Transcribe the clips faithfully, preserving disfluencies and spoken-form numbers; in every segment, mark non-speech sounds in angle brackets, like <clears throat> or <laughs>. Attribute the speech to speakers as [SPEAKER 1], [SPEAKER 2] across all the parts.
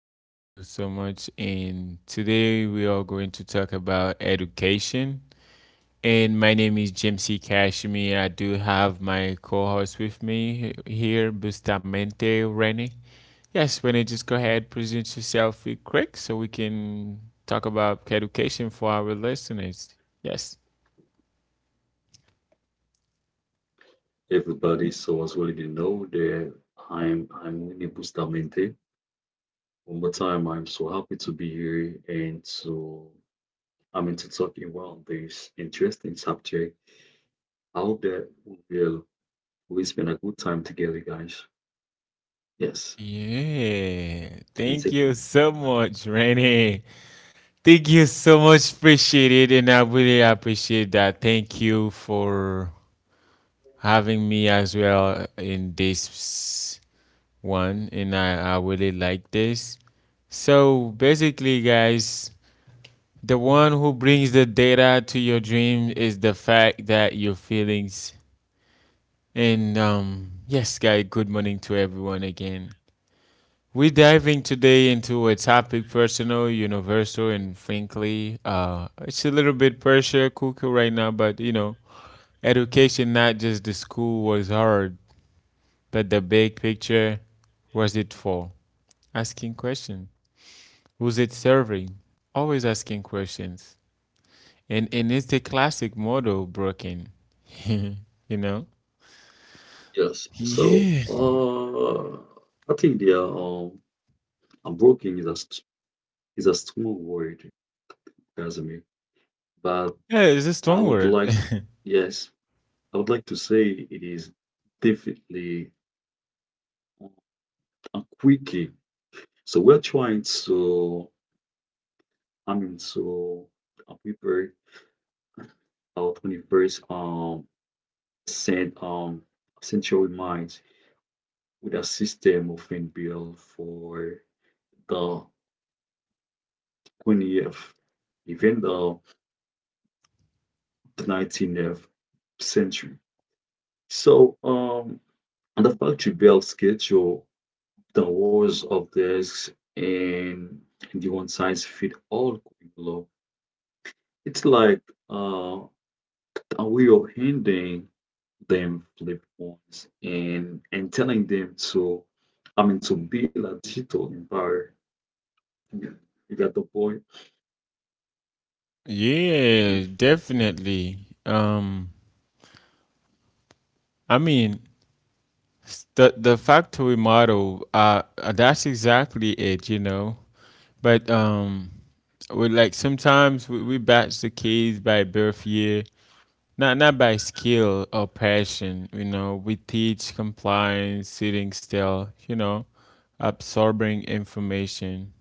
[SPEAKER 1] Thank you so much. And today we are going to talk about education. And my name is James C. Kashmi. I do have my co host with me he- here, Bustamente Rennie. Yes, Rennie, just go ahead, present yourself real quick so we can talk about education for our listeners. Yes.
[SPEAKER 2] Everybody, so as well you know that I'm I'm Winnie Bustamante. One more time, I'm so happy to be here and to I mean to talk around this interesting subject. I hope that we will we spend a good time together, guys. Yes, and thank you.
[SPEAKER 1] Yeah. Thank you so much, Rennie. Thank you so much. Appreciate it. And I really appreciate that. Thank you for having me as well in this one. And I, I really like this. So basically, guys, the one who brings the data to your dream is the fact that your feelings. And um, yes, guys, good morning to everyone again. We're diving today into a topic personal, universal, and frankly, uh, it's a little bit pressure cooker right now, but you know, education, not just the school, was hard, but the big picture was it for? Asking question. Who's it serving? Always asking questions. And, and it's the classic model broken, <laughs> you know?
[SPEAKER 2] Yes. So
[SPEAKER 1] Yeah.
[SPEAKER 2] uh I think the um unbroken is a st- is a strong word, Casimir. But
[SPEAKER 1] Yeah, it's a
[SPEAKER 2] I
[SPEAKER 1] strong
[SPEAKER 2] would
[SPEAKER 1] word.
[SPEAKER 2] like
[SPEAKER 1] <laughs>
[SPEAKER 2] yes, I would like to say it is definitely. And quickly. So we're trying to, I mean, to uh, prepare our twenty-first um, cent, um, century mind with a system of built for the twentieth, even the nineteenth century. So um, and the factory built schedule, the wars of this, and the one size fit all curriculum. It's like uh, a way of handling them flip phones and and telling them to I mean to build a digital empire. You you got the point?
[SPEAKER 1] Yeah, definitely. Um, I mean, S- The the factory model, uh, uh, that's exactly it, you know. But um, we like sometimes we, we batch the kids by birth year, not not by skill or passion, you know. We teach compliance, sitting still, you know, absorbing information.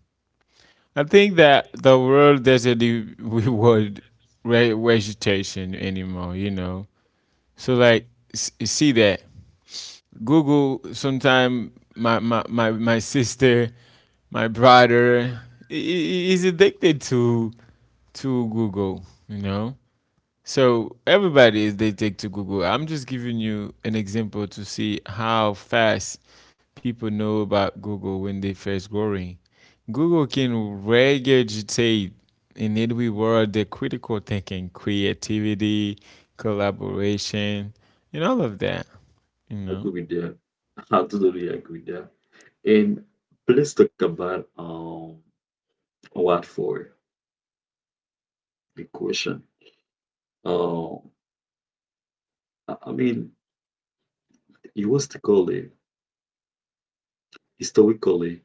[SPEAKER 1] I think that the world doesn't re- <laughs> reward re- vegetation anymore, you know. So like, s- see that. Google sometime my my my, my sister, my brother i- i- is addicted to to Google, you know? So everybody is they take to Google. I'm just giving you an example to see how fast people know about Google when they first growing. Google can regurgitate in every world the critical thinking, creativity, collaboration, and all of that, you
[SPEAKER 2] I agree
[SPEAKER 1] know?
[SPEAKER 2] with that. <laughs> I totally agree with that. And let's talk about um what for the question. Uh, I I mean historically historically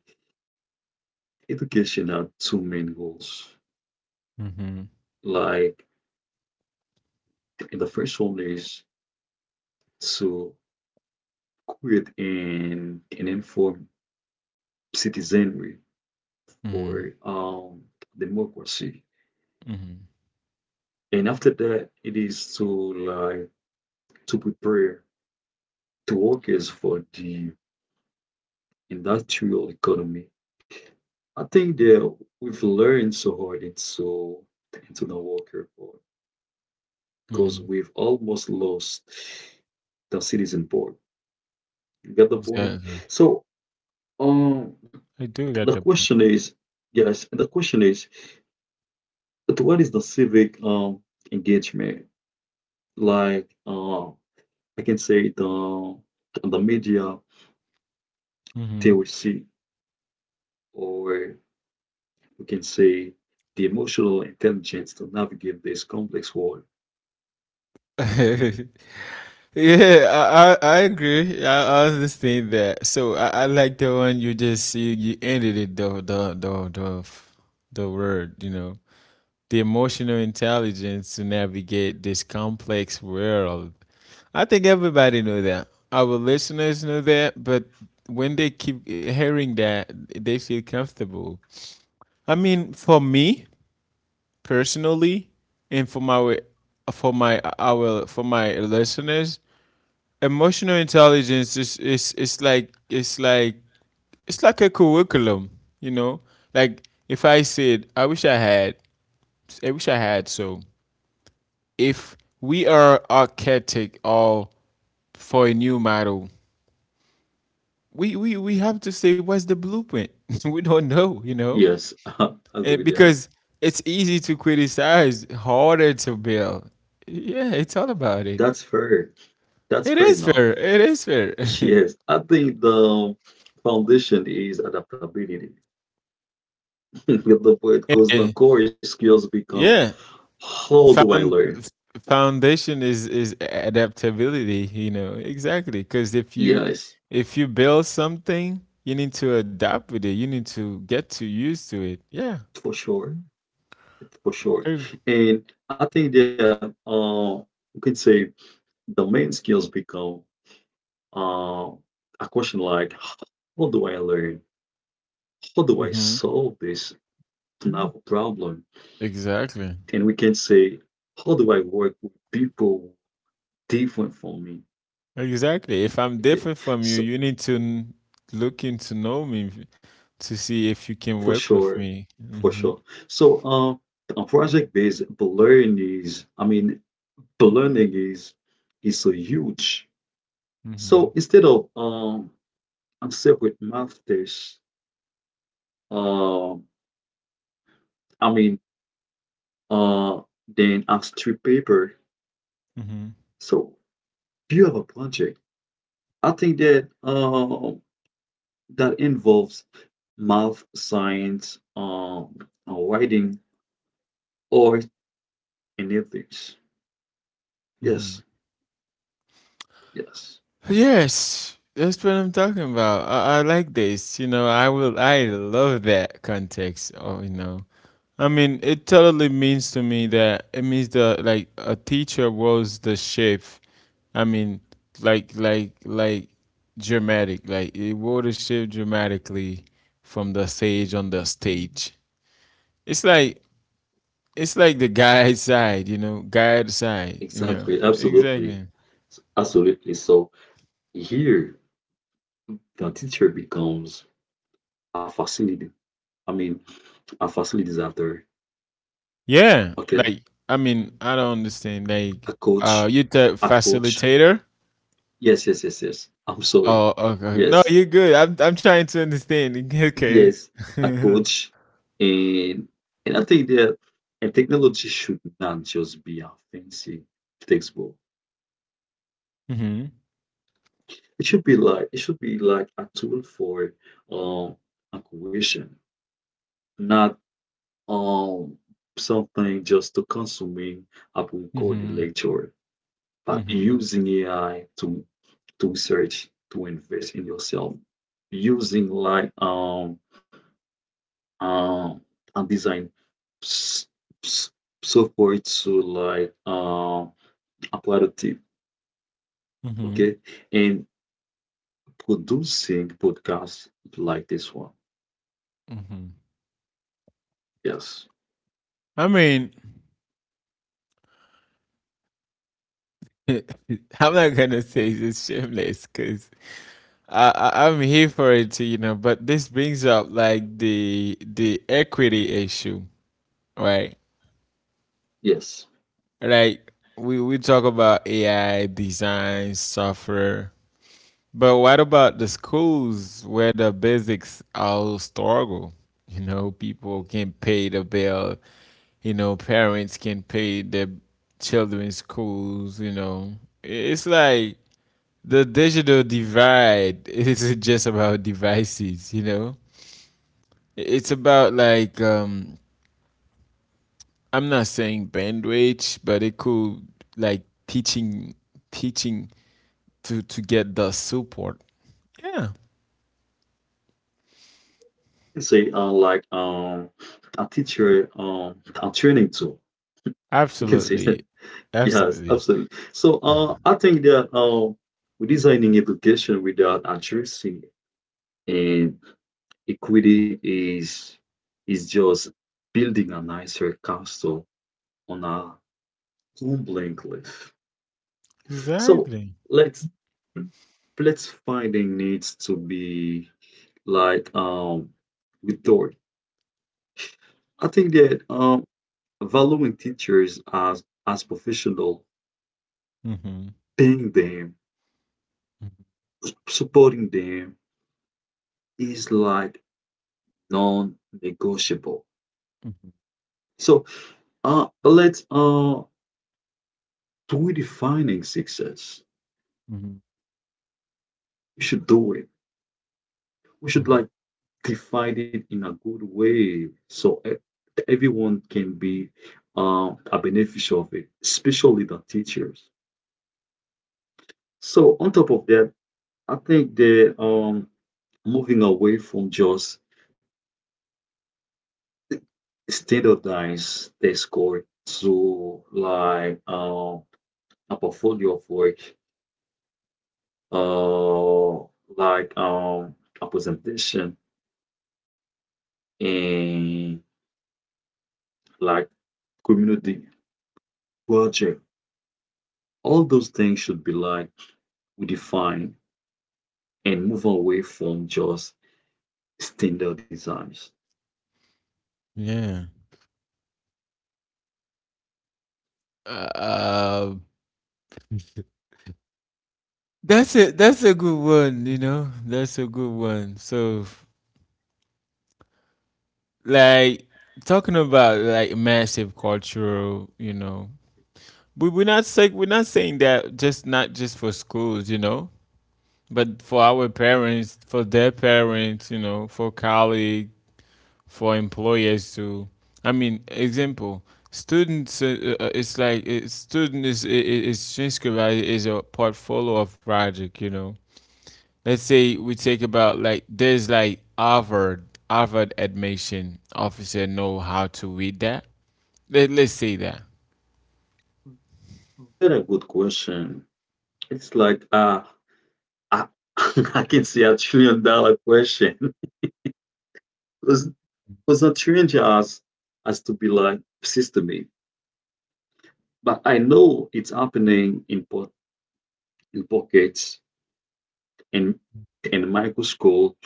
[SPEAKER 2] education had two main goals.
[SPEAKER 1] Hmm.
[SPEAKER 2] Like, and the first one is to create an an informed citizenry for
[SPEAKER 1] Mhm.
[SPEAKER 2] um, democracy.
[SPEAKER 1] Mhm.
[SPEAKER 2] And after that, it is to like to prepare the workers for the industrial economy. I think that we've learned so hard into into the worker part because
[SPEAKER 1] Mhm.
[SPEAKER 2] we've almost lost the citizen part. You get the point?
[SPEAKER 1] Exactly.
[SPEAKER 2] So um,
[SPEAKER 1] I do
[SPEAKER 2] the
[SPEAKER 1] get the point.
[SPEAKER 2] question is, yes, the question is but what is the civic um engagement like? Um, I can say the the media
[SPEAKER 1] Mhm.
[SPEAKER 2] theory, or we can say the emotional intelligence to navigate this complex world.
[SPEAKER 1] <laughs> Yeah, I, I I agree. I, I understand that. So I, I like the one you just you, you ended it the the the the the word, you know, the emotional intelligence to navigate this complex world. I think everybody know that. Our listeners know that, but when they keep hearing that, they feel comfortable. I mean, for me, personally and for my for my our for my listeners emotional intelligence is is it's like it's like it's like a curriculum, you know, like if I said I wish I had, I wish I had. So if we are architect or for a new model, we we, we have to say what's the blueprint. <laughs> We don't know, you know.
[SPEAKER 2] Yes, <laughs> I'll go with
[SPEAKER 1] And
[SPEAKER 2] that.
[SPEAKER 1] because it's easy to criticize, harder to build. Yeah, it's all about it.
[SPEAKER 2] That's fair. That's
[SPEAKER 1] It
[SPEAKER 2] fair
[SPEAKER 1] is
[SPEAKER 2] enough.
[SPEAKER 1] fair. It is fair. <laughs>
[SPEAKER 2] Yes, I think the foundation is adaptability. <laughs> At the point, because the
[SPEAKER 1] Eh,
[SPEAKER 2] core skills become,
[SPEAKER 1] yeah,
[SPEAKER 2] how do I
[SPEAKER 1] found
[SPEAKER 2] learn?
[SPEAKER 1] f- foundation is is adaptability. You know exactly, because if you,
[SPEAKER 2] Yes,
[SPEAKER 1] if you build something, you need to adapt with it. You need to get to used to it. Yeah.
[SPEAKER 2] for sure, for sure.
[SPEAKER 1] True.
[SPEAKER 2] And I think that uh, we can say the main skills become uh, a question like, how do I learn? How do I
[SPEAKER 1] Hmm.
[SPEAKER 2] solve this novel problem?
[SPEAKER 1] Exactly.
[SPEAKER 2] And we can say, how do I work with people different from me?
[SPEAKER 1] Exactly. If I'm
[SPEAKER 2] Okay,
[SPEAKER 1] different from you,
[SPEAKER 2] so
[SPEAKER 1] you need to n- look into know me v- to see if you can
[SPEAKER 2] for
[SPEAKER 1] work with
[SPEAKER 2] sure,
[SPEAKER 1] me.
[SPEAKER 2] for
[SPEAKER 1] Mm-hmm.
[SPEAKER 2] sure. So, uh, project-based learning is, I mean, learning is is so huge.
[SPEAKER 1] Mm-hmm.
[SPEAKER 2] So instead of um, a separate math test, uh, I mean, uh, then I strip paper.
[SPEAKER 1] Mm-hmm.
[SPEAKER 2] So do you have a project? I think that uh, that involves math, science, um, uh, writing, art, and ethics.
[SPEAKER 1] Mm-hmm.
[SPEAKER 2] Yes, yes,
[SPEAKER 1] Yes, that's what I'm talking about. I, I like this. You know, I will. I love that context. Oh, you know. I mean, it totally means to me that it means the like a teacher was the chef. I mean, like like like dramatic, like it wore the chef dramatically from the stage on the stage. It's like it's like the guy <laughs> side, you know, guy side, you know,
[SPEAKER 2] exactly, absolutely,
[SPEAKER 1] exactly.
[SPEAKER 2] absolutely. So here, the teacher becomes a facility. I mean, a facilitator.
[SPEAKER 1] Yeah,
[SPEAKER 2] Okay,
[SPEAKER 1] like I mean, I don't understand. Like,
[SPEAKER 2] a
[SPEAKER 1] uh,
[SPEAKER 2] coach,
[SPEAKER 1] you the
[SPEAKER 2] a coach.
[SPEAKER 1] facilitator?
[SPEAKER 2] Yes, yes, yes, yes. I'm sorry.
[SPEAKER 1] Oh, okay. Okay. No,
[SPEAKER 2] Yes,
[SPEAKER 1] you're good. I'm I'm trying to understand. <laughs> Okay.
[SPEAKER 2] yes, a
[SPEAKER 1] <laughs>
[SPEAKER 2] coach. And and I think that, and technology should not just be a fancy textbook.
[SPEAKER 1] Mhm.
[SPEAKER 2] It should be like it should be like a tool for um acquisition, not um something just to consuming a recorded
[SPEAKER 1] Mhm.
[SPEAKER 2] lecture, but
[SPEAKER 1] Mhm.
[SPEAKER 2] using A I to to search to invest in yourself, using like um um a design s- s- so for it to like um apply the tip.
[SPEAKER 1] Mhm.
[SPEAKER 2] Okay, and producing podcasts like this one.
[SPEAKER 1] Mhm.
[SPEAKER 2] Yes,
[SPEAKER 1] I mean, <laughs> I'm not gonna say it's shameless because I, I I'm here for it, you know. But this brings up like the the equity issue, right?
[SPEAKER 2] yes,
[SPEAKER 1] Like we we talk about A I design software. But what about the schools where the basics all struggle? You know, people can pay the bill. You know, parents can pay their children's schools. You know, it's like the digital divide <laughs> isn't just about devices. You know, it's about like um, I'm not saying bandwidth, but it could like teaching, teaching to to get the support. Yeah.
[SPEAKER 2] you can say, uh like, um a teacher, um a training tool, you can say that.
[SPEAKER 1] Absolutely.
[SPEAKER 2] <laughs> Yes,
[SPEAKER 1] Absolutely.
[SPEAKER 2] absolutely. So uh
[SPEAKER 1] <sighs>
[SPEAKER 2] I think that um redesigning education without addressing and equity is is just building a nicer castle on a. Completely. So
[SPEAKER 1] Exactly.
[SPEAKER 2] let's let's finding needs to be like, um with Dort. I think that um valuing teachers as as professional,
[SPEAKER 1] Mm-hmm.
[SPEAKER 2] paying them, supporting them is like non-negotiable.
[SPEAKER 1] Mm-hmm.
[SPEAKER 2] So uh let's uh redefining success. We should do it. We should
[SPEAKER 1] Mm-hmm.
[SPEAKER 2] like define it in a good way. So, uh, everyone can be uh, a beneficiary of it, especially the teachers. So on top of that, I think they, um moving away from just standardized test score to like, uh, a portfolio of work, uh, like um a presentation and like community project. All those things should be like we define and move away from just standard designs.
[SPEAKER 1] Yeah. Uh, <laughs> that's it. That's a good one, you know. That's a good one. So, like talking about like massive cultural, you know, we we're not saying we're not saying that just not just for schools, you know, but for our parents, for their parents, you know, for colleagues, for employers to, I mean, example students uh, uh, it's like uh student is is Shinskari is a portfolio of project, you know. Let's say we take about like there's like harvard, harvard admission officer know how to read that. Let, let's say that.
[SPEAKER 2] Mhm. That's a good question. It's like, uh, I, <laughs> I can say a trillion dollar question. <laughs> Because because a trillion just has to be like systemic. But I know it's happening in po- in pockets and and micro school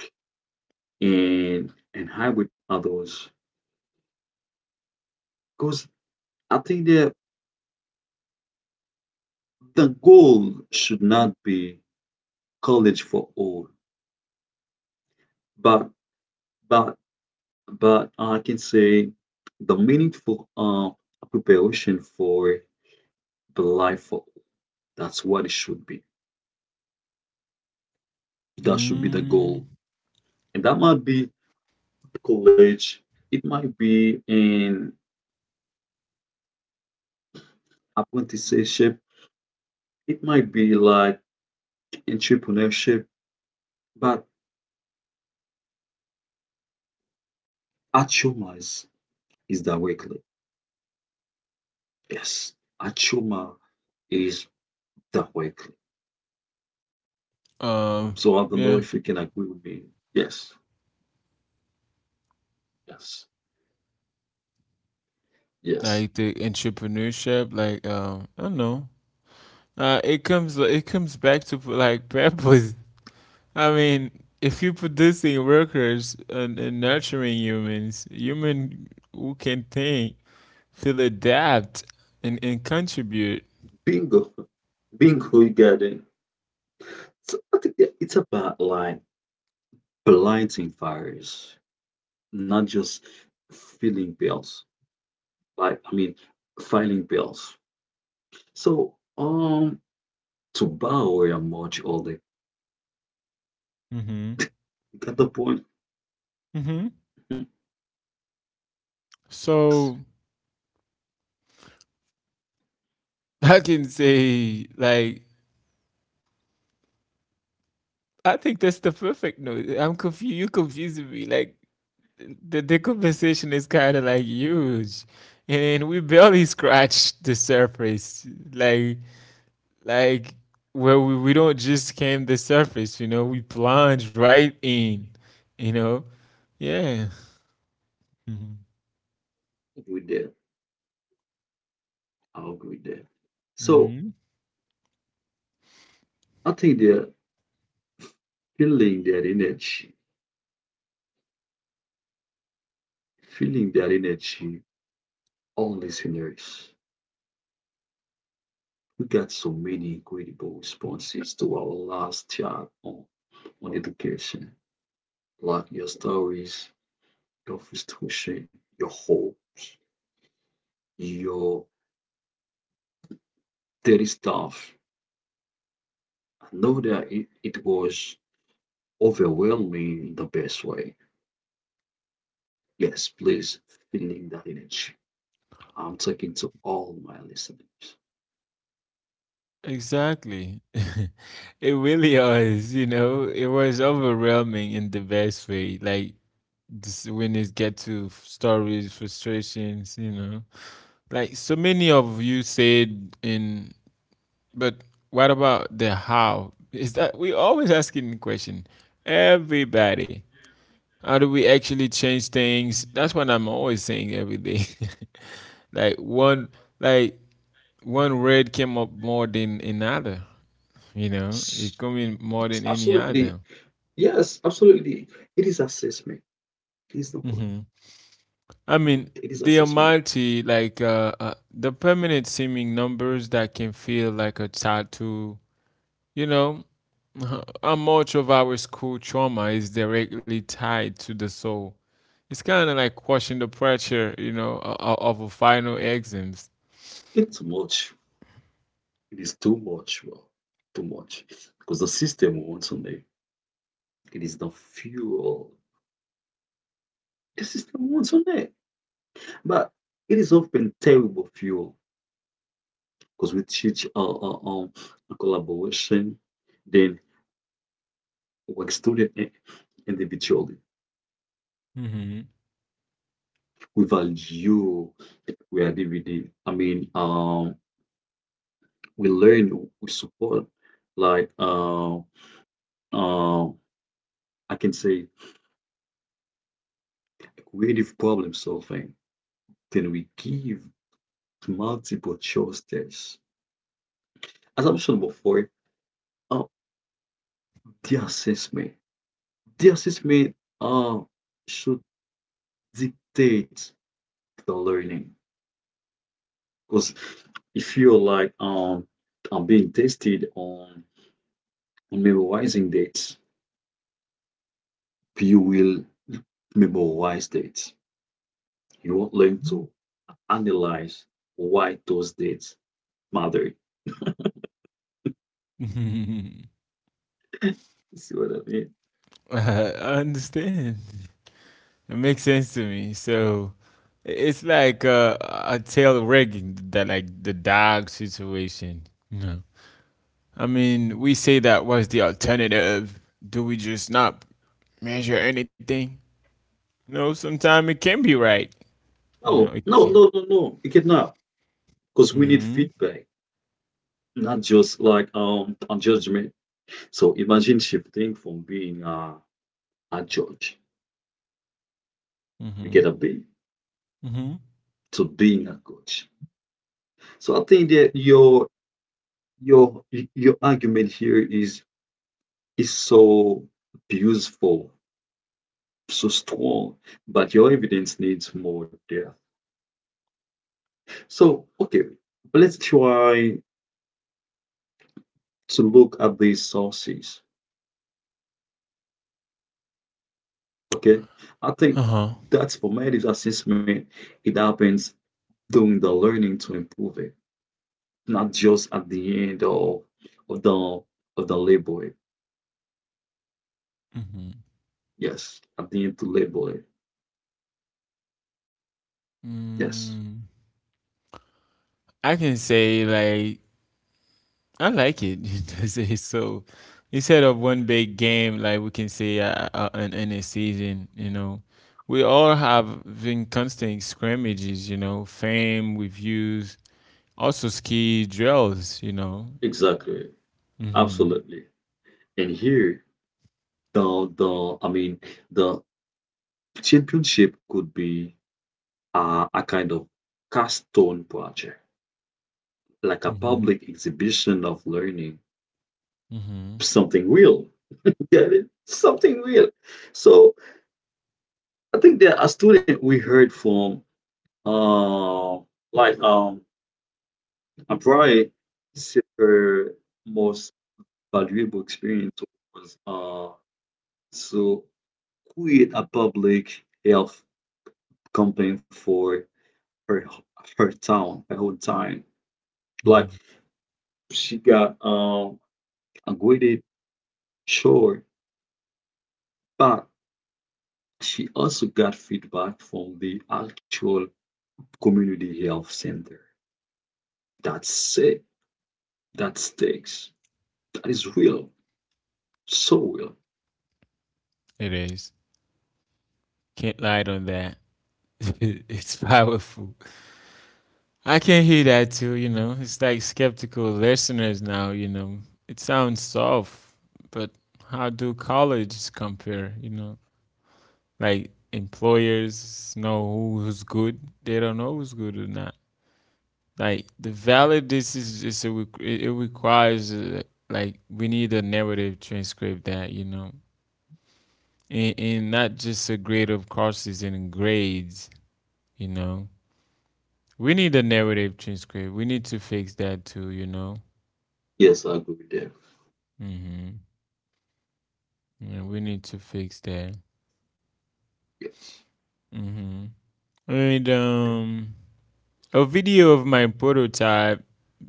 [SPEAKER 2] and and hybrid others. Because I think the the goal should not be college for all, but but But I can say the meaningful uh, preparation for the life, of- that's what it should be. That should be the
[SPEAKER 1] Mm.
[SPEAKER 2] goal. And that might be college, it might be in apprenticeship, it might be like entrepreneurship, but Achoma is, is directly. Yes, Achoma is directly.
[SPEAKER 1] Um,
[SPEAKER 2] So I don't know
[SPEAKER 1] yeah,
[SPEAKER 2] if you can agree with me. Yes, yes,
[SPEAKER 1] like
[SPEAKER 2] yes.
[SPEAKER 1] the entrepreneurship, like um I don't know, uh it comes, it comes back to like <laughs> purpose. I mean, if you're producing workers and, and nurturing humans, human who can think, feel, adapt, and, and contribute.
[SPEAKER 2] Bingo, bingo, you got it. So I think that it's about like blighting fires, not just filling bills. Like, I mean, filing bills. So um, to borrow a much older,
[SPEAKER 1] Hmm.
[SPEAKER 2] you got the point.
[SPEAKER 1] Hmm.
[SPEAKER 2] Yes,
[SPEAKER 1] So <laughs> I can say, like, I think that's the perfect note. I'm confused. You confusing me. Like, the, the conversation is kind of like huge, and, and we barely scratched the surface. Like, Like, well, we, we don't just came the surface, you know, we plunge right in, you know? Yeah. Mhm.
[SPEAKER 2] we did. I'll agree there. So
[SPEAKER 1] Mhm.
[SPEAKER 2] I think they're feeling that energy, feeling that energy, all listeners. We got so many incredible responses to our last chat on, on education, like your stories, your frustration, your hope, your dirty stuff. I know that it, it was overwhelming in the best way. Yes, please, feeling that energy. I'm talking to all my listeners.
[SPEAKER 1] Exactly. <laughs> It really was, you know, it was overwhelming in the best way. Like, this, when it get to f- stories, frustrations, you know, like so many of you said in, but what about the how? Is that we always asking the question? Everybody, how do we actually change things? That's what I'm always saying every day. <laughs> Like one, like one red came up more than another, you know? It come in more
[SPEAKER 2] Yes,
[SPEAKER 1] than any
[SPEAKER 2] absolutely.
[SPEAKER 1] other.
[SPEAKER 2] Yes, absolutely. It is assessment. It is the word.
[SPEAKER 1] Hmm. I mean,
[SPEAKER 2] It is
[SPEAKER 1] they are
[SPEAKER 2] assessment.
[SPEAKER 1] multi like uh, uh the permanent seeming numbers that can feel like a tattoo, you know? <laughs> How much of our school trauma is directly tied to the soul? It's kind of like washing the pressure, you know, o- o- of a final exams.
[SPEAKER 2] It's much. It is too much. Well, too much. Because the system wants on it. It is the fuel. The system wants on it. But it is often terrible fuel, because we teach, uh, uh, um, collaboration, then work student i- individually.
[SPEAKER 1] Mhm.
[SPEAKER 2] We value creativity. I mean, um, we learn, we support, like, uh, uh, I can say creative problem solving. Then we give multiple choice tests. As I mentioned before, uh, the assessment, the assessment uh, should dictate the learning, because if you're like, um, um being tested on on memorizing dates, you will memorize dates. You won't learn to analyze why those dates matter.
[SPEAKER 1] <laughs>
[SPEAKER 2] You see what I mean?
[SPEAKER 1] I understand. It makes sense to me. So i- it's like uh, a tail rigging that like the dog situation. No. I mean, we say that was the alternative. Do we just not measure anything? No, sometimes it can be right.
[SPEAKER 2] No,
[SPEAKER 1] You know, it
[SPEAKER 2] no, no,
[SPEAKER 1] can.
[SPEAKER 2] no, no. You cannot, because we need
[SPEAKER 1] Mhm.
[SPEAKER 2] feedback, not just like um a judgment. So imagine shifting from being a, a judge, you get a
[SPEAKER 1] Mhm.
[SPEAKER 2] B,
[SPEAKER 1] Mhm.
[SPEAKER 2] to being a coach. So I think that your Your y- your argument here is is so beautiful, so strong, but your evidence needs more depth. So, okay, but let's try to look at these sources. Okay, I think
[SPEAKER 1] Uh-huh.
[SPEAKER 2] that formative assessment, it happens during the learning to improve it, not just at the end of of the of the label. It.
[SPEAKER 1] Mhm.
[SPEAKER 2] Yes, at the end to label it. Yes,
[SPEAKER 1] Mm. I can say like I like it. <laughs> That's it. So instead of one big game, like we can say uh, uh, in, in a season, you know, we all have been constant scrimmages, you know, fame, reviews, also ski drills, you know.
[SPEAKER 2] exactly,
[SPEAKER 1] Mm-hmm.
[SPEAKER 2] absolutely. And here the the I mean the championship could be, uh, a kind of cast stone project, like a
[SPEAKER 1] Mm-hmm.
[SPEAKER 2] public exhibition of learning,
[SPEAKER 1] Mm-hmm.
[SPEAKER 2] something real. You get it? Something real. So I think that a student we heard from, uh, like, um, a probably said her most valuable experience was uh to create a public health campaign for her her town the whole time. Like,
[SPEAKER 1] Mm-hmm.
[SPEAKER 2] she got um upgraded, sure, but she also got feedback from the actual community health center. That's it. That sticks. That is real. So real.
[SPEAKER 1] It is. Can't lie on that. <laughs> It's powerful. I can hear that too, you know. It's like skeptical listeners now, you know. It sounds soft, but how do colleges compare, you know? Like employers know who's good, they don't know who's good or not. Like the valid this is just a, req- it it requires uh, like we need a narrative transcript that, you know. And, and not just a grade of courses and grades, you know. We need a narrative transcript. We need to fix that too, you know.
[SPEAKER 2] Yes, I agree with that.
[SPEAKER 1] Mm-hmm. Yeah, we need to fix that.
[SPEAKER 2] Yes.
[SPEAKER 1] Mm-hmm. I made um a video of my prototype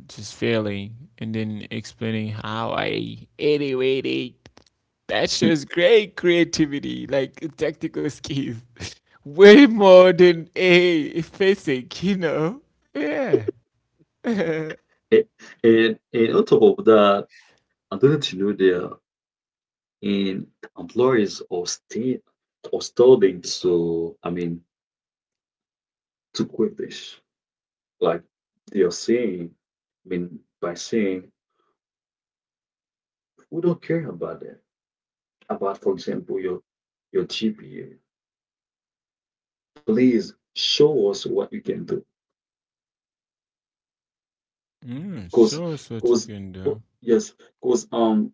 [SPEAKER 1] just failing and then explaining how I anyway they that shows
[SPEAKER 2] <laughs>
[SPEAKER 1] great creativity, like tactical skills. <laughs> Way more than a basic, you know? Yeah. <laughs> Mm,
[SPEAKER 2] And and, and on top of that, I don't know there in employees are still are starting, so, I mean, to quit this. Like you're saying, I mean, by saying, we don't care about that. About, for example, your your G P A. Please show us what you can do. Cause,
[SPEAKER 1] so it's what you
[SPEAKER 2] cause,
[SPEAKER 1] can
[SPEAKER 2] co-
[SPEAKER 1] do.
[SPEAKER 2] yes, cause um,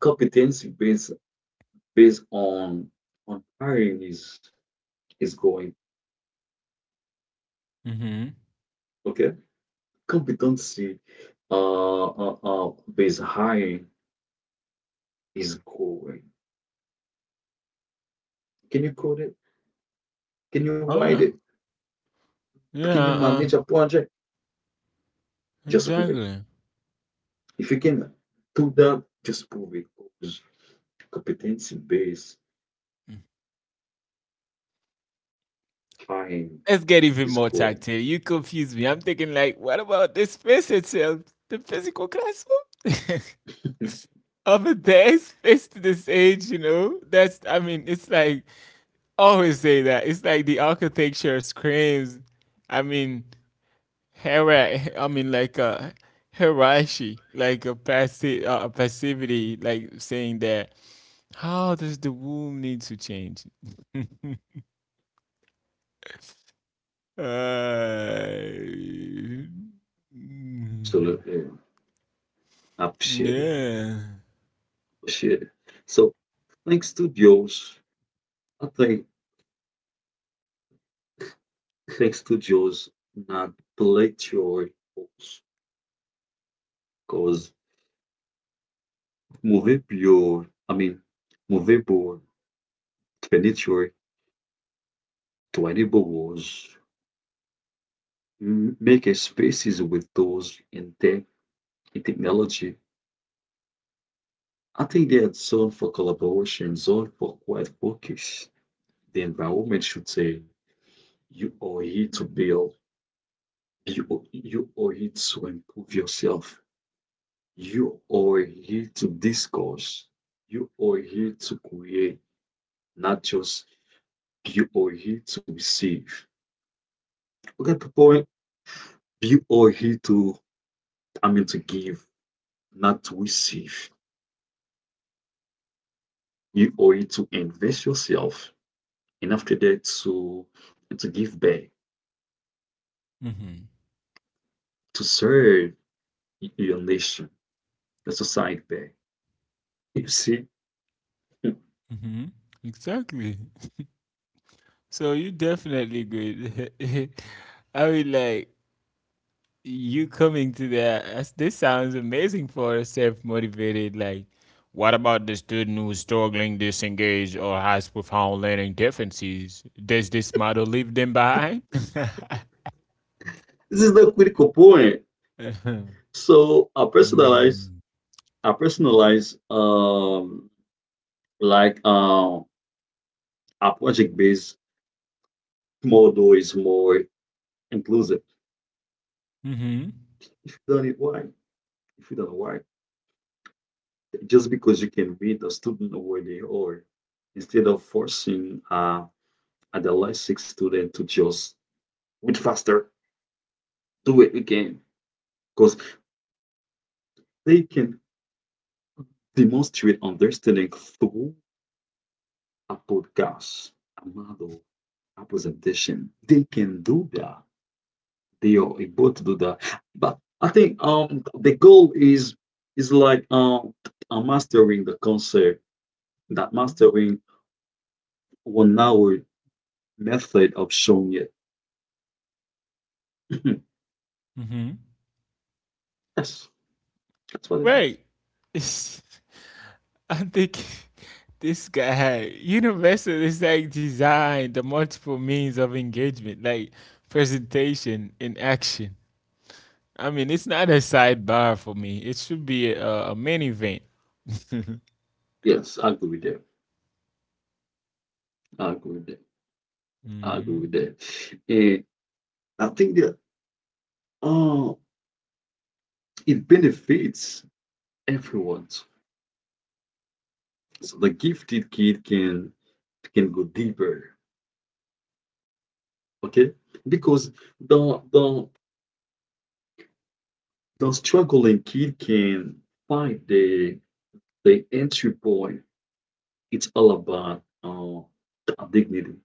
[SPEAKER 2] competency based based on on hiring is is going.
[SPEAKER 1] Mm-hmm.
[SPEAKER 2] Okay. Competency, uh uh, uh based hiring is going. Can you code it? Can you write
[SPEAKER 1] Oh
[SPEAKER 2] it?
[SPEAKER 1] yeah, yeah,
[SPEAKER 2] Can you
[SPEAKER 1] uh,
[SPEAKER 2] manage a project? Just prove it.
[SPEAKER 1] exactly.
[SPEAKER 2] If you can do that, Efequena, туда jespovikos competency-based hiring
[SPEAKER 1] Let's get
[SPEAKER 2] is
[SPEAKER 1] even more
[SPEAKER 2] going.
[SPEAKER 1] tactile. You confuse me. I'm thinking like, what about the space itself? The physical classroom?
[SPEAKER 2] <laughs>
[SPEAKER 1] <laughs> Over there, space to this age, you know? That's I mean, it's like I always say that. It's like the architecture screams. I mean hera I mean like a hierarchy, like a passi- uh, a passivity, like saying that how does the womb need to change? <laughs> uh, mm.
[SPEAKER 2] Absolutely. I appreciate it.
[SPEAKER 1] Yeah.
[SPEAKER 2] Appreciate it. So thanks to Dios, I think, thanks to Dios, not black your folks. Cause movie your I mean movie board, furniture, twenty boards, m- make a spaces with those in tech in technology. I think they, there's zone for collaboration, zone for quiet focus. The environment should say, you are here to build, you, are- you are here to improve yourself, you are here to discuss, you are here to create, not just you are here to receive. Look at the point, you are here to, I mean, to give, not to receive. You are here to invest yourself, and after that, to, to give back,
[SPEAKER 1] Mhm.
[SPEAKER 2] to serve you unleash the society back. You see, <laughs> this
[SPEAKER 1] Mhm. Exactly. So you definitely good. <laughs> I mean, like you coming to that. as- This sounds amazing for a self-motivated. Like, what about the student who's struggling, disengaged, or has profound learning deficiencies? Does this model leave them behind? <laughs>
[SPEAKER 2] is the critical point.
[SPEAKER 1] Mm-hmm.
[SPEAKER 2] So I personalize, I personalize, um, like, um, a project-based model is more inclusive.
[SPEAKER 1] Mm-hmm.
[SPEAKER 2] If you don't know why, if you don't know why, just because you can meet a student where they are, instead of forcing, uh, adolescent student to just read faster, do it again, because they can demonstrate understanding through podcast, Amado, a presentation. They can do that. They are able to do that. But I think, um the goal is is like, um uh, mastering the concept, that mastering one hour method of showing it. <clears throat>
[SPEAKER 1] Mm-hmm.
[SPEAKER 2] Yes, that's what it is.
[SPEAKER 1] Right. <laughs> I'm thinking, <laughs> this guy, Universal is like designed the multiple means of engagement, like presentation in action. I mean, it's not a sidebar for me. It should be a, a main event. <laughs>
[SPEAKER 2] Yes, I agree with that. I agree with that. I agree
[SPEAKER 1] Hmm.
[SPEAKER 2] with that. And I think that uh it benefits everyone. So the gifted kid can can go deeper. Okay? Because the the the struggling kid can find the the entry point. It's all about, uh, dignity.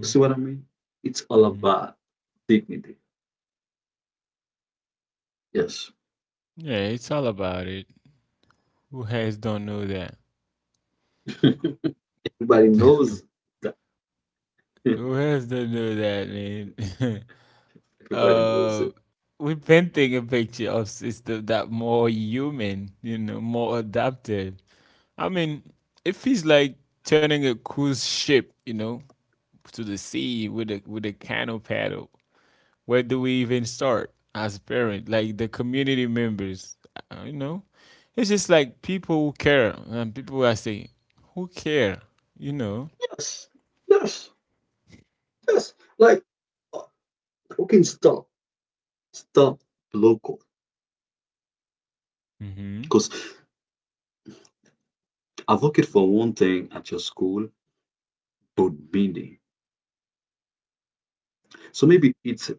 [SPEAKER 2] You see what I mean? It's all
[SPEAKER 1] Hmm.
[SPEAKER 2] about dignity. Yes.
[SPEAKER 1] Yeah, it's all about it. Who has don't know that?
[SPEAKER 2] <laughs> Everybody
[SPEAKER 1] <laughs>
[SPEAKER 2] knows that.
[SPEAKER 1] Who has don't know that, man?
[SPEAKER 2] <laughs>
[SPEAKER 1] <laughs>
[SPEAKER 2] Everybody knows
[SPEAKER 1] uh,
[SPEAKER 2] it.
[SPEAKER 1] we're painting a picture of system that more human, you know, more adaptive. I mean, it feels like turning a cruise ship, you know, to the sea with a with a canoe paddle. Where do we even start as parents? Like the community members, uh, you know, it's just like people who care and people I say who care, you know.
[SPEAKER 2] Yes. Yes. Yes. Like, uh, okay, stop. Stop local.
[SPEAKER 1] Mm-hmm.
[SPEAKER 2] Because advocate for one thing at your school, but meaning. So maybe it's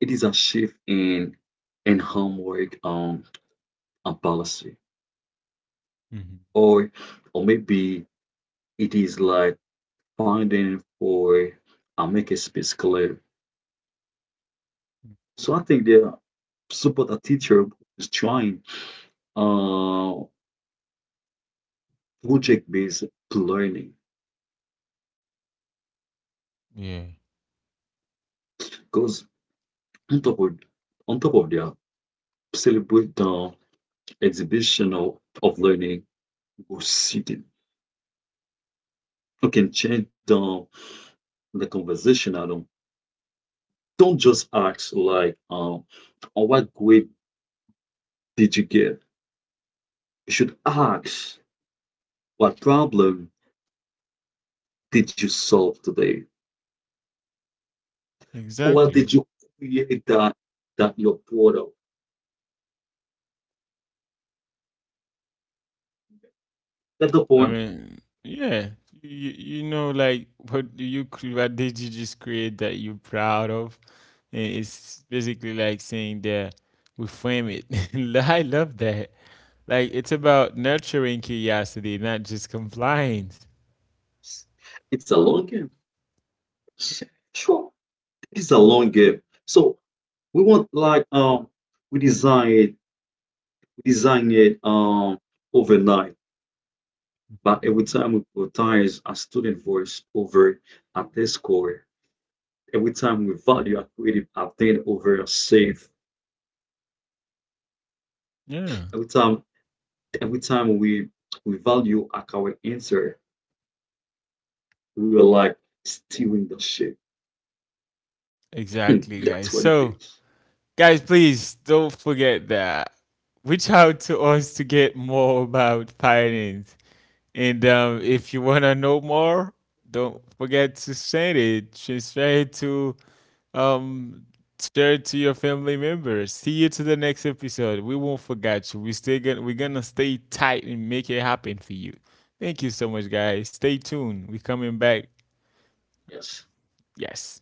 [SPEAKER 2] it is a shift in in homework um and policy.
[SPEAKER 1] Mm-hmm.
[SPEAKER 2] Or or maybe it is like finding for and make a space clear. So I think they support a teacher who is trying, uh project-based learning,
[SPEAKER 1] Yeah,
[SPEAKER 2] because on top of on top of that, celebrate the exhibition of, of learning or sitting. You can change the the conversational. Don't just ask like, um, "Oh, what grade did you get?" You should ask, what problem did you solve today? What
[SPEAKER 1] exactly.
[SPEAKER 2] did you create that that your product? That's the
[SPEAKER 1] I
[SPEAKER 2] point.
[SPEAKER 1] mean, yeah, you, you know, like what do you cre- what did you just create that you're proud of? And it's basically like saying that we frame it. <laughs> I love that. Like it's about nurturing curiosity, not just compliance.
[SPEAKER 2] It's a long game. Sure, it's a long game. So we want like, um we design it, we design it um overnight. But every time we prioritize a student voice over a test score, every time we value our creative update over safe,
[SPEAKER 1] Yeah,
[SPEAKER 2] every time every time we we value our current answer, we are like steering the ship. <laughs>
[SPEAKER 1] exactly,
[SPEAKER 2] That's
[SPEAKER 1] guys.
[SPEAKER 2] what it
[SPEAKER 1] So,
[SPEAKER 2] is.
[SPEAKER 1] guys, please don't forget that. Reach out to us to get more about finance. And um, if you wanna know more, don't forget to send it. Share it to um share it to your family members. See you to the next episode. We won't forget you. We stay gonna we're gonna stay tight and make it happen for you. Thank you so much, guys. Stay tuned. We're coming back.
[SPEAKER 2] Yes.
[SPEAKER 1] Yes.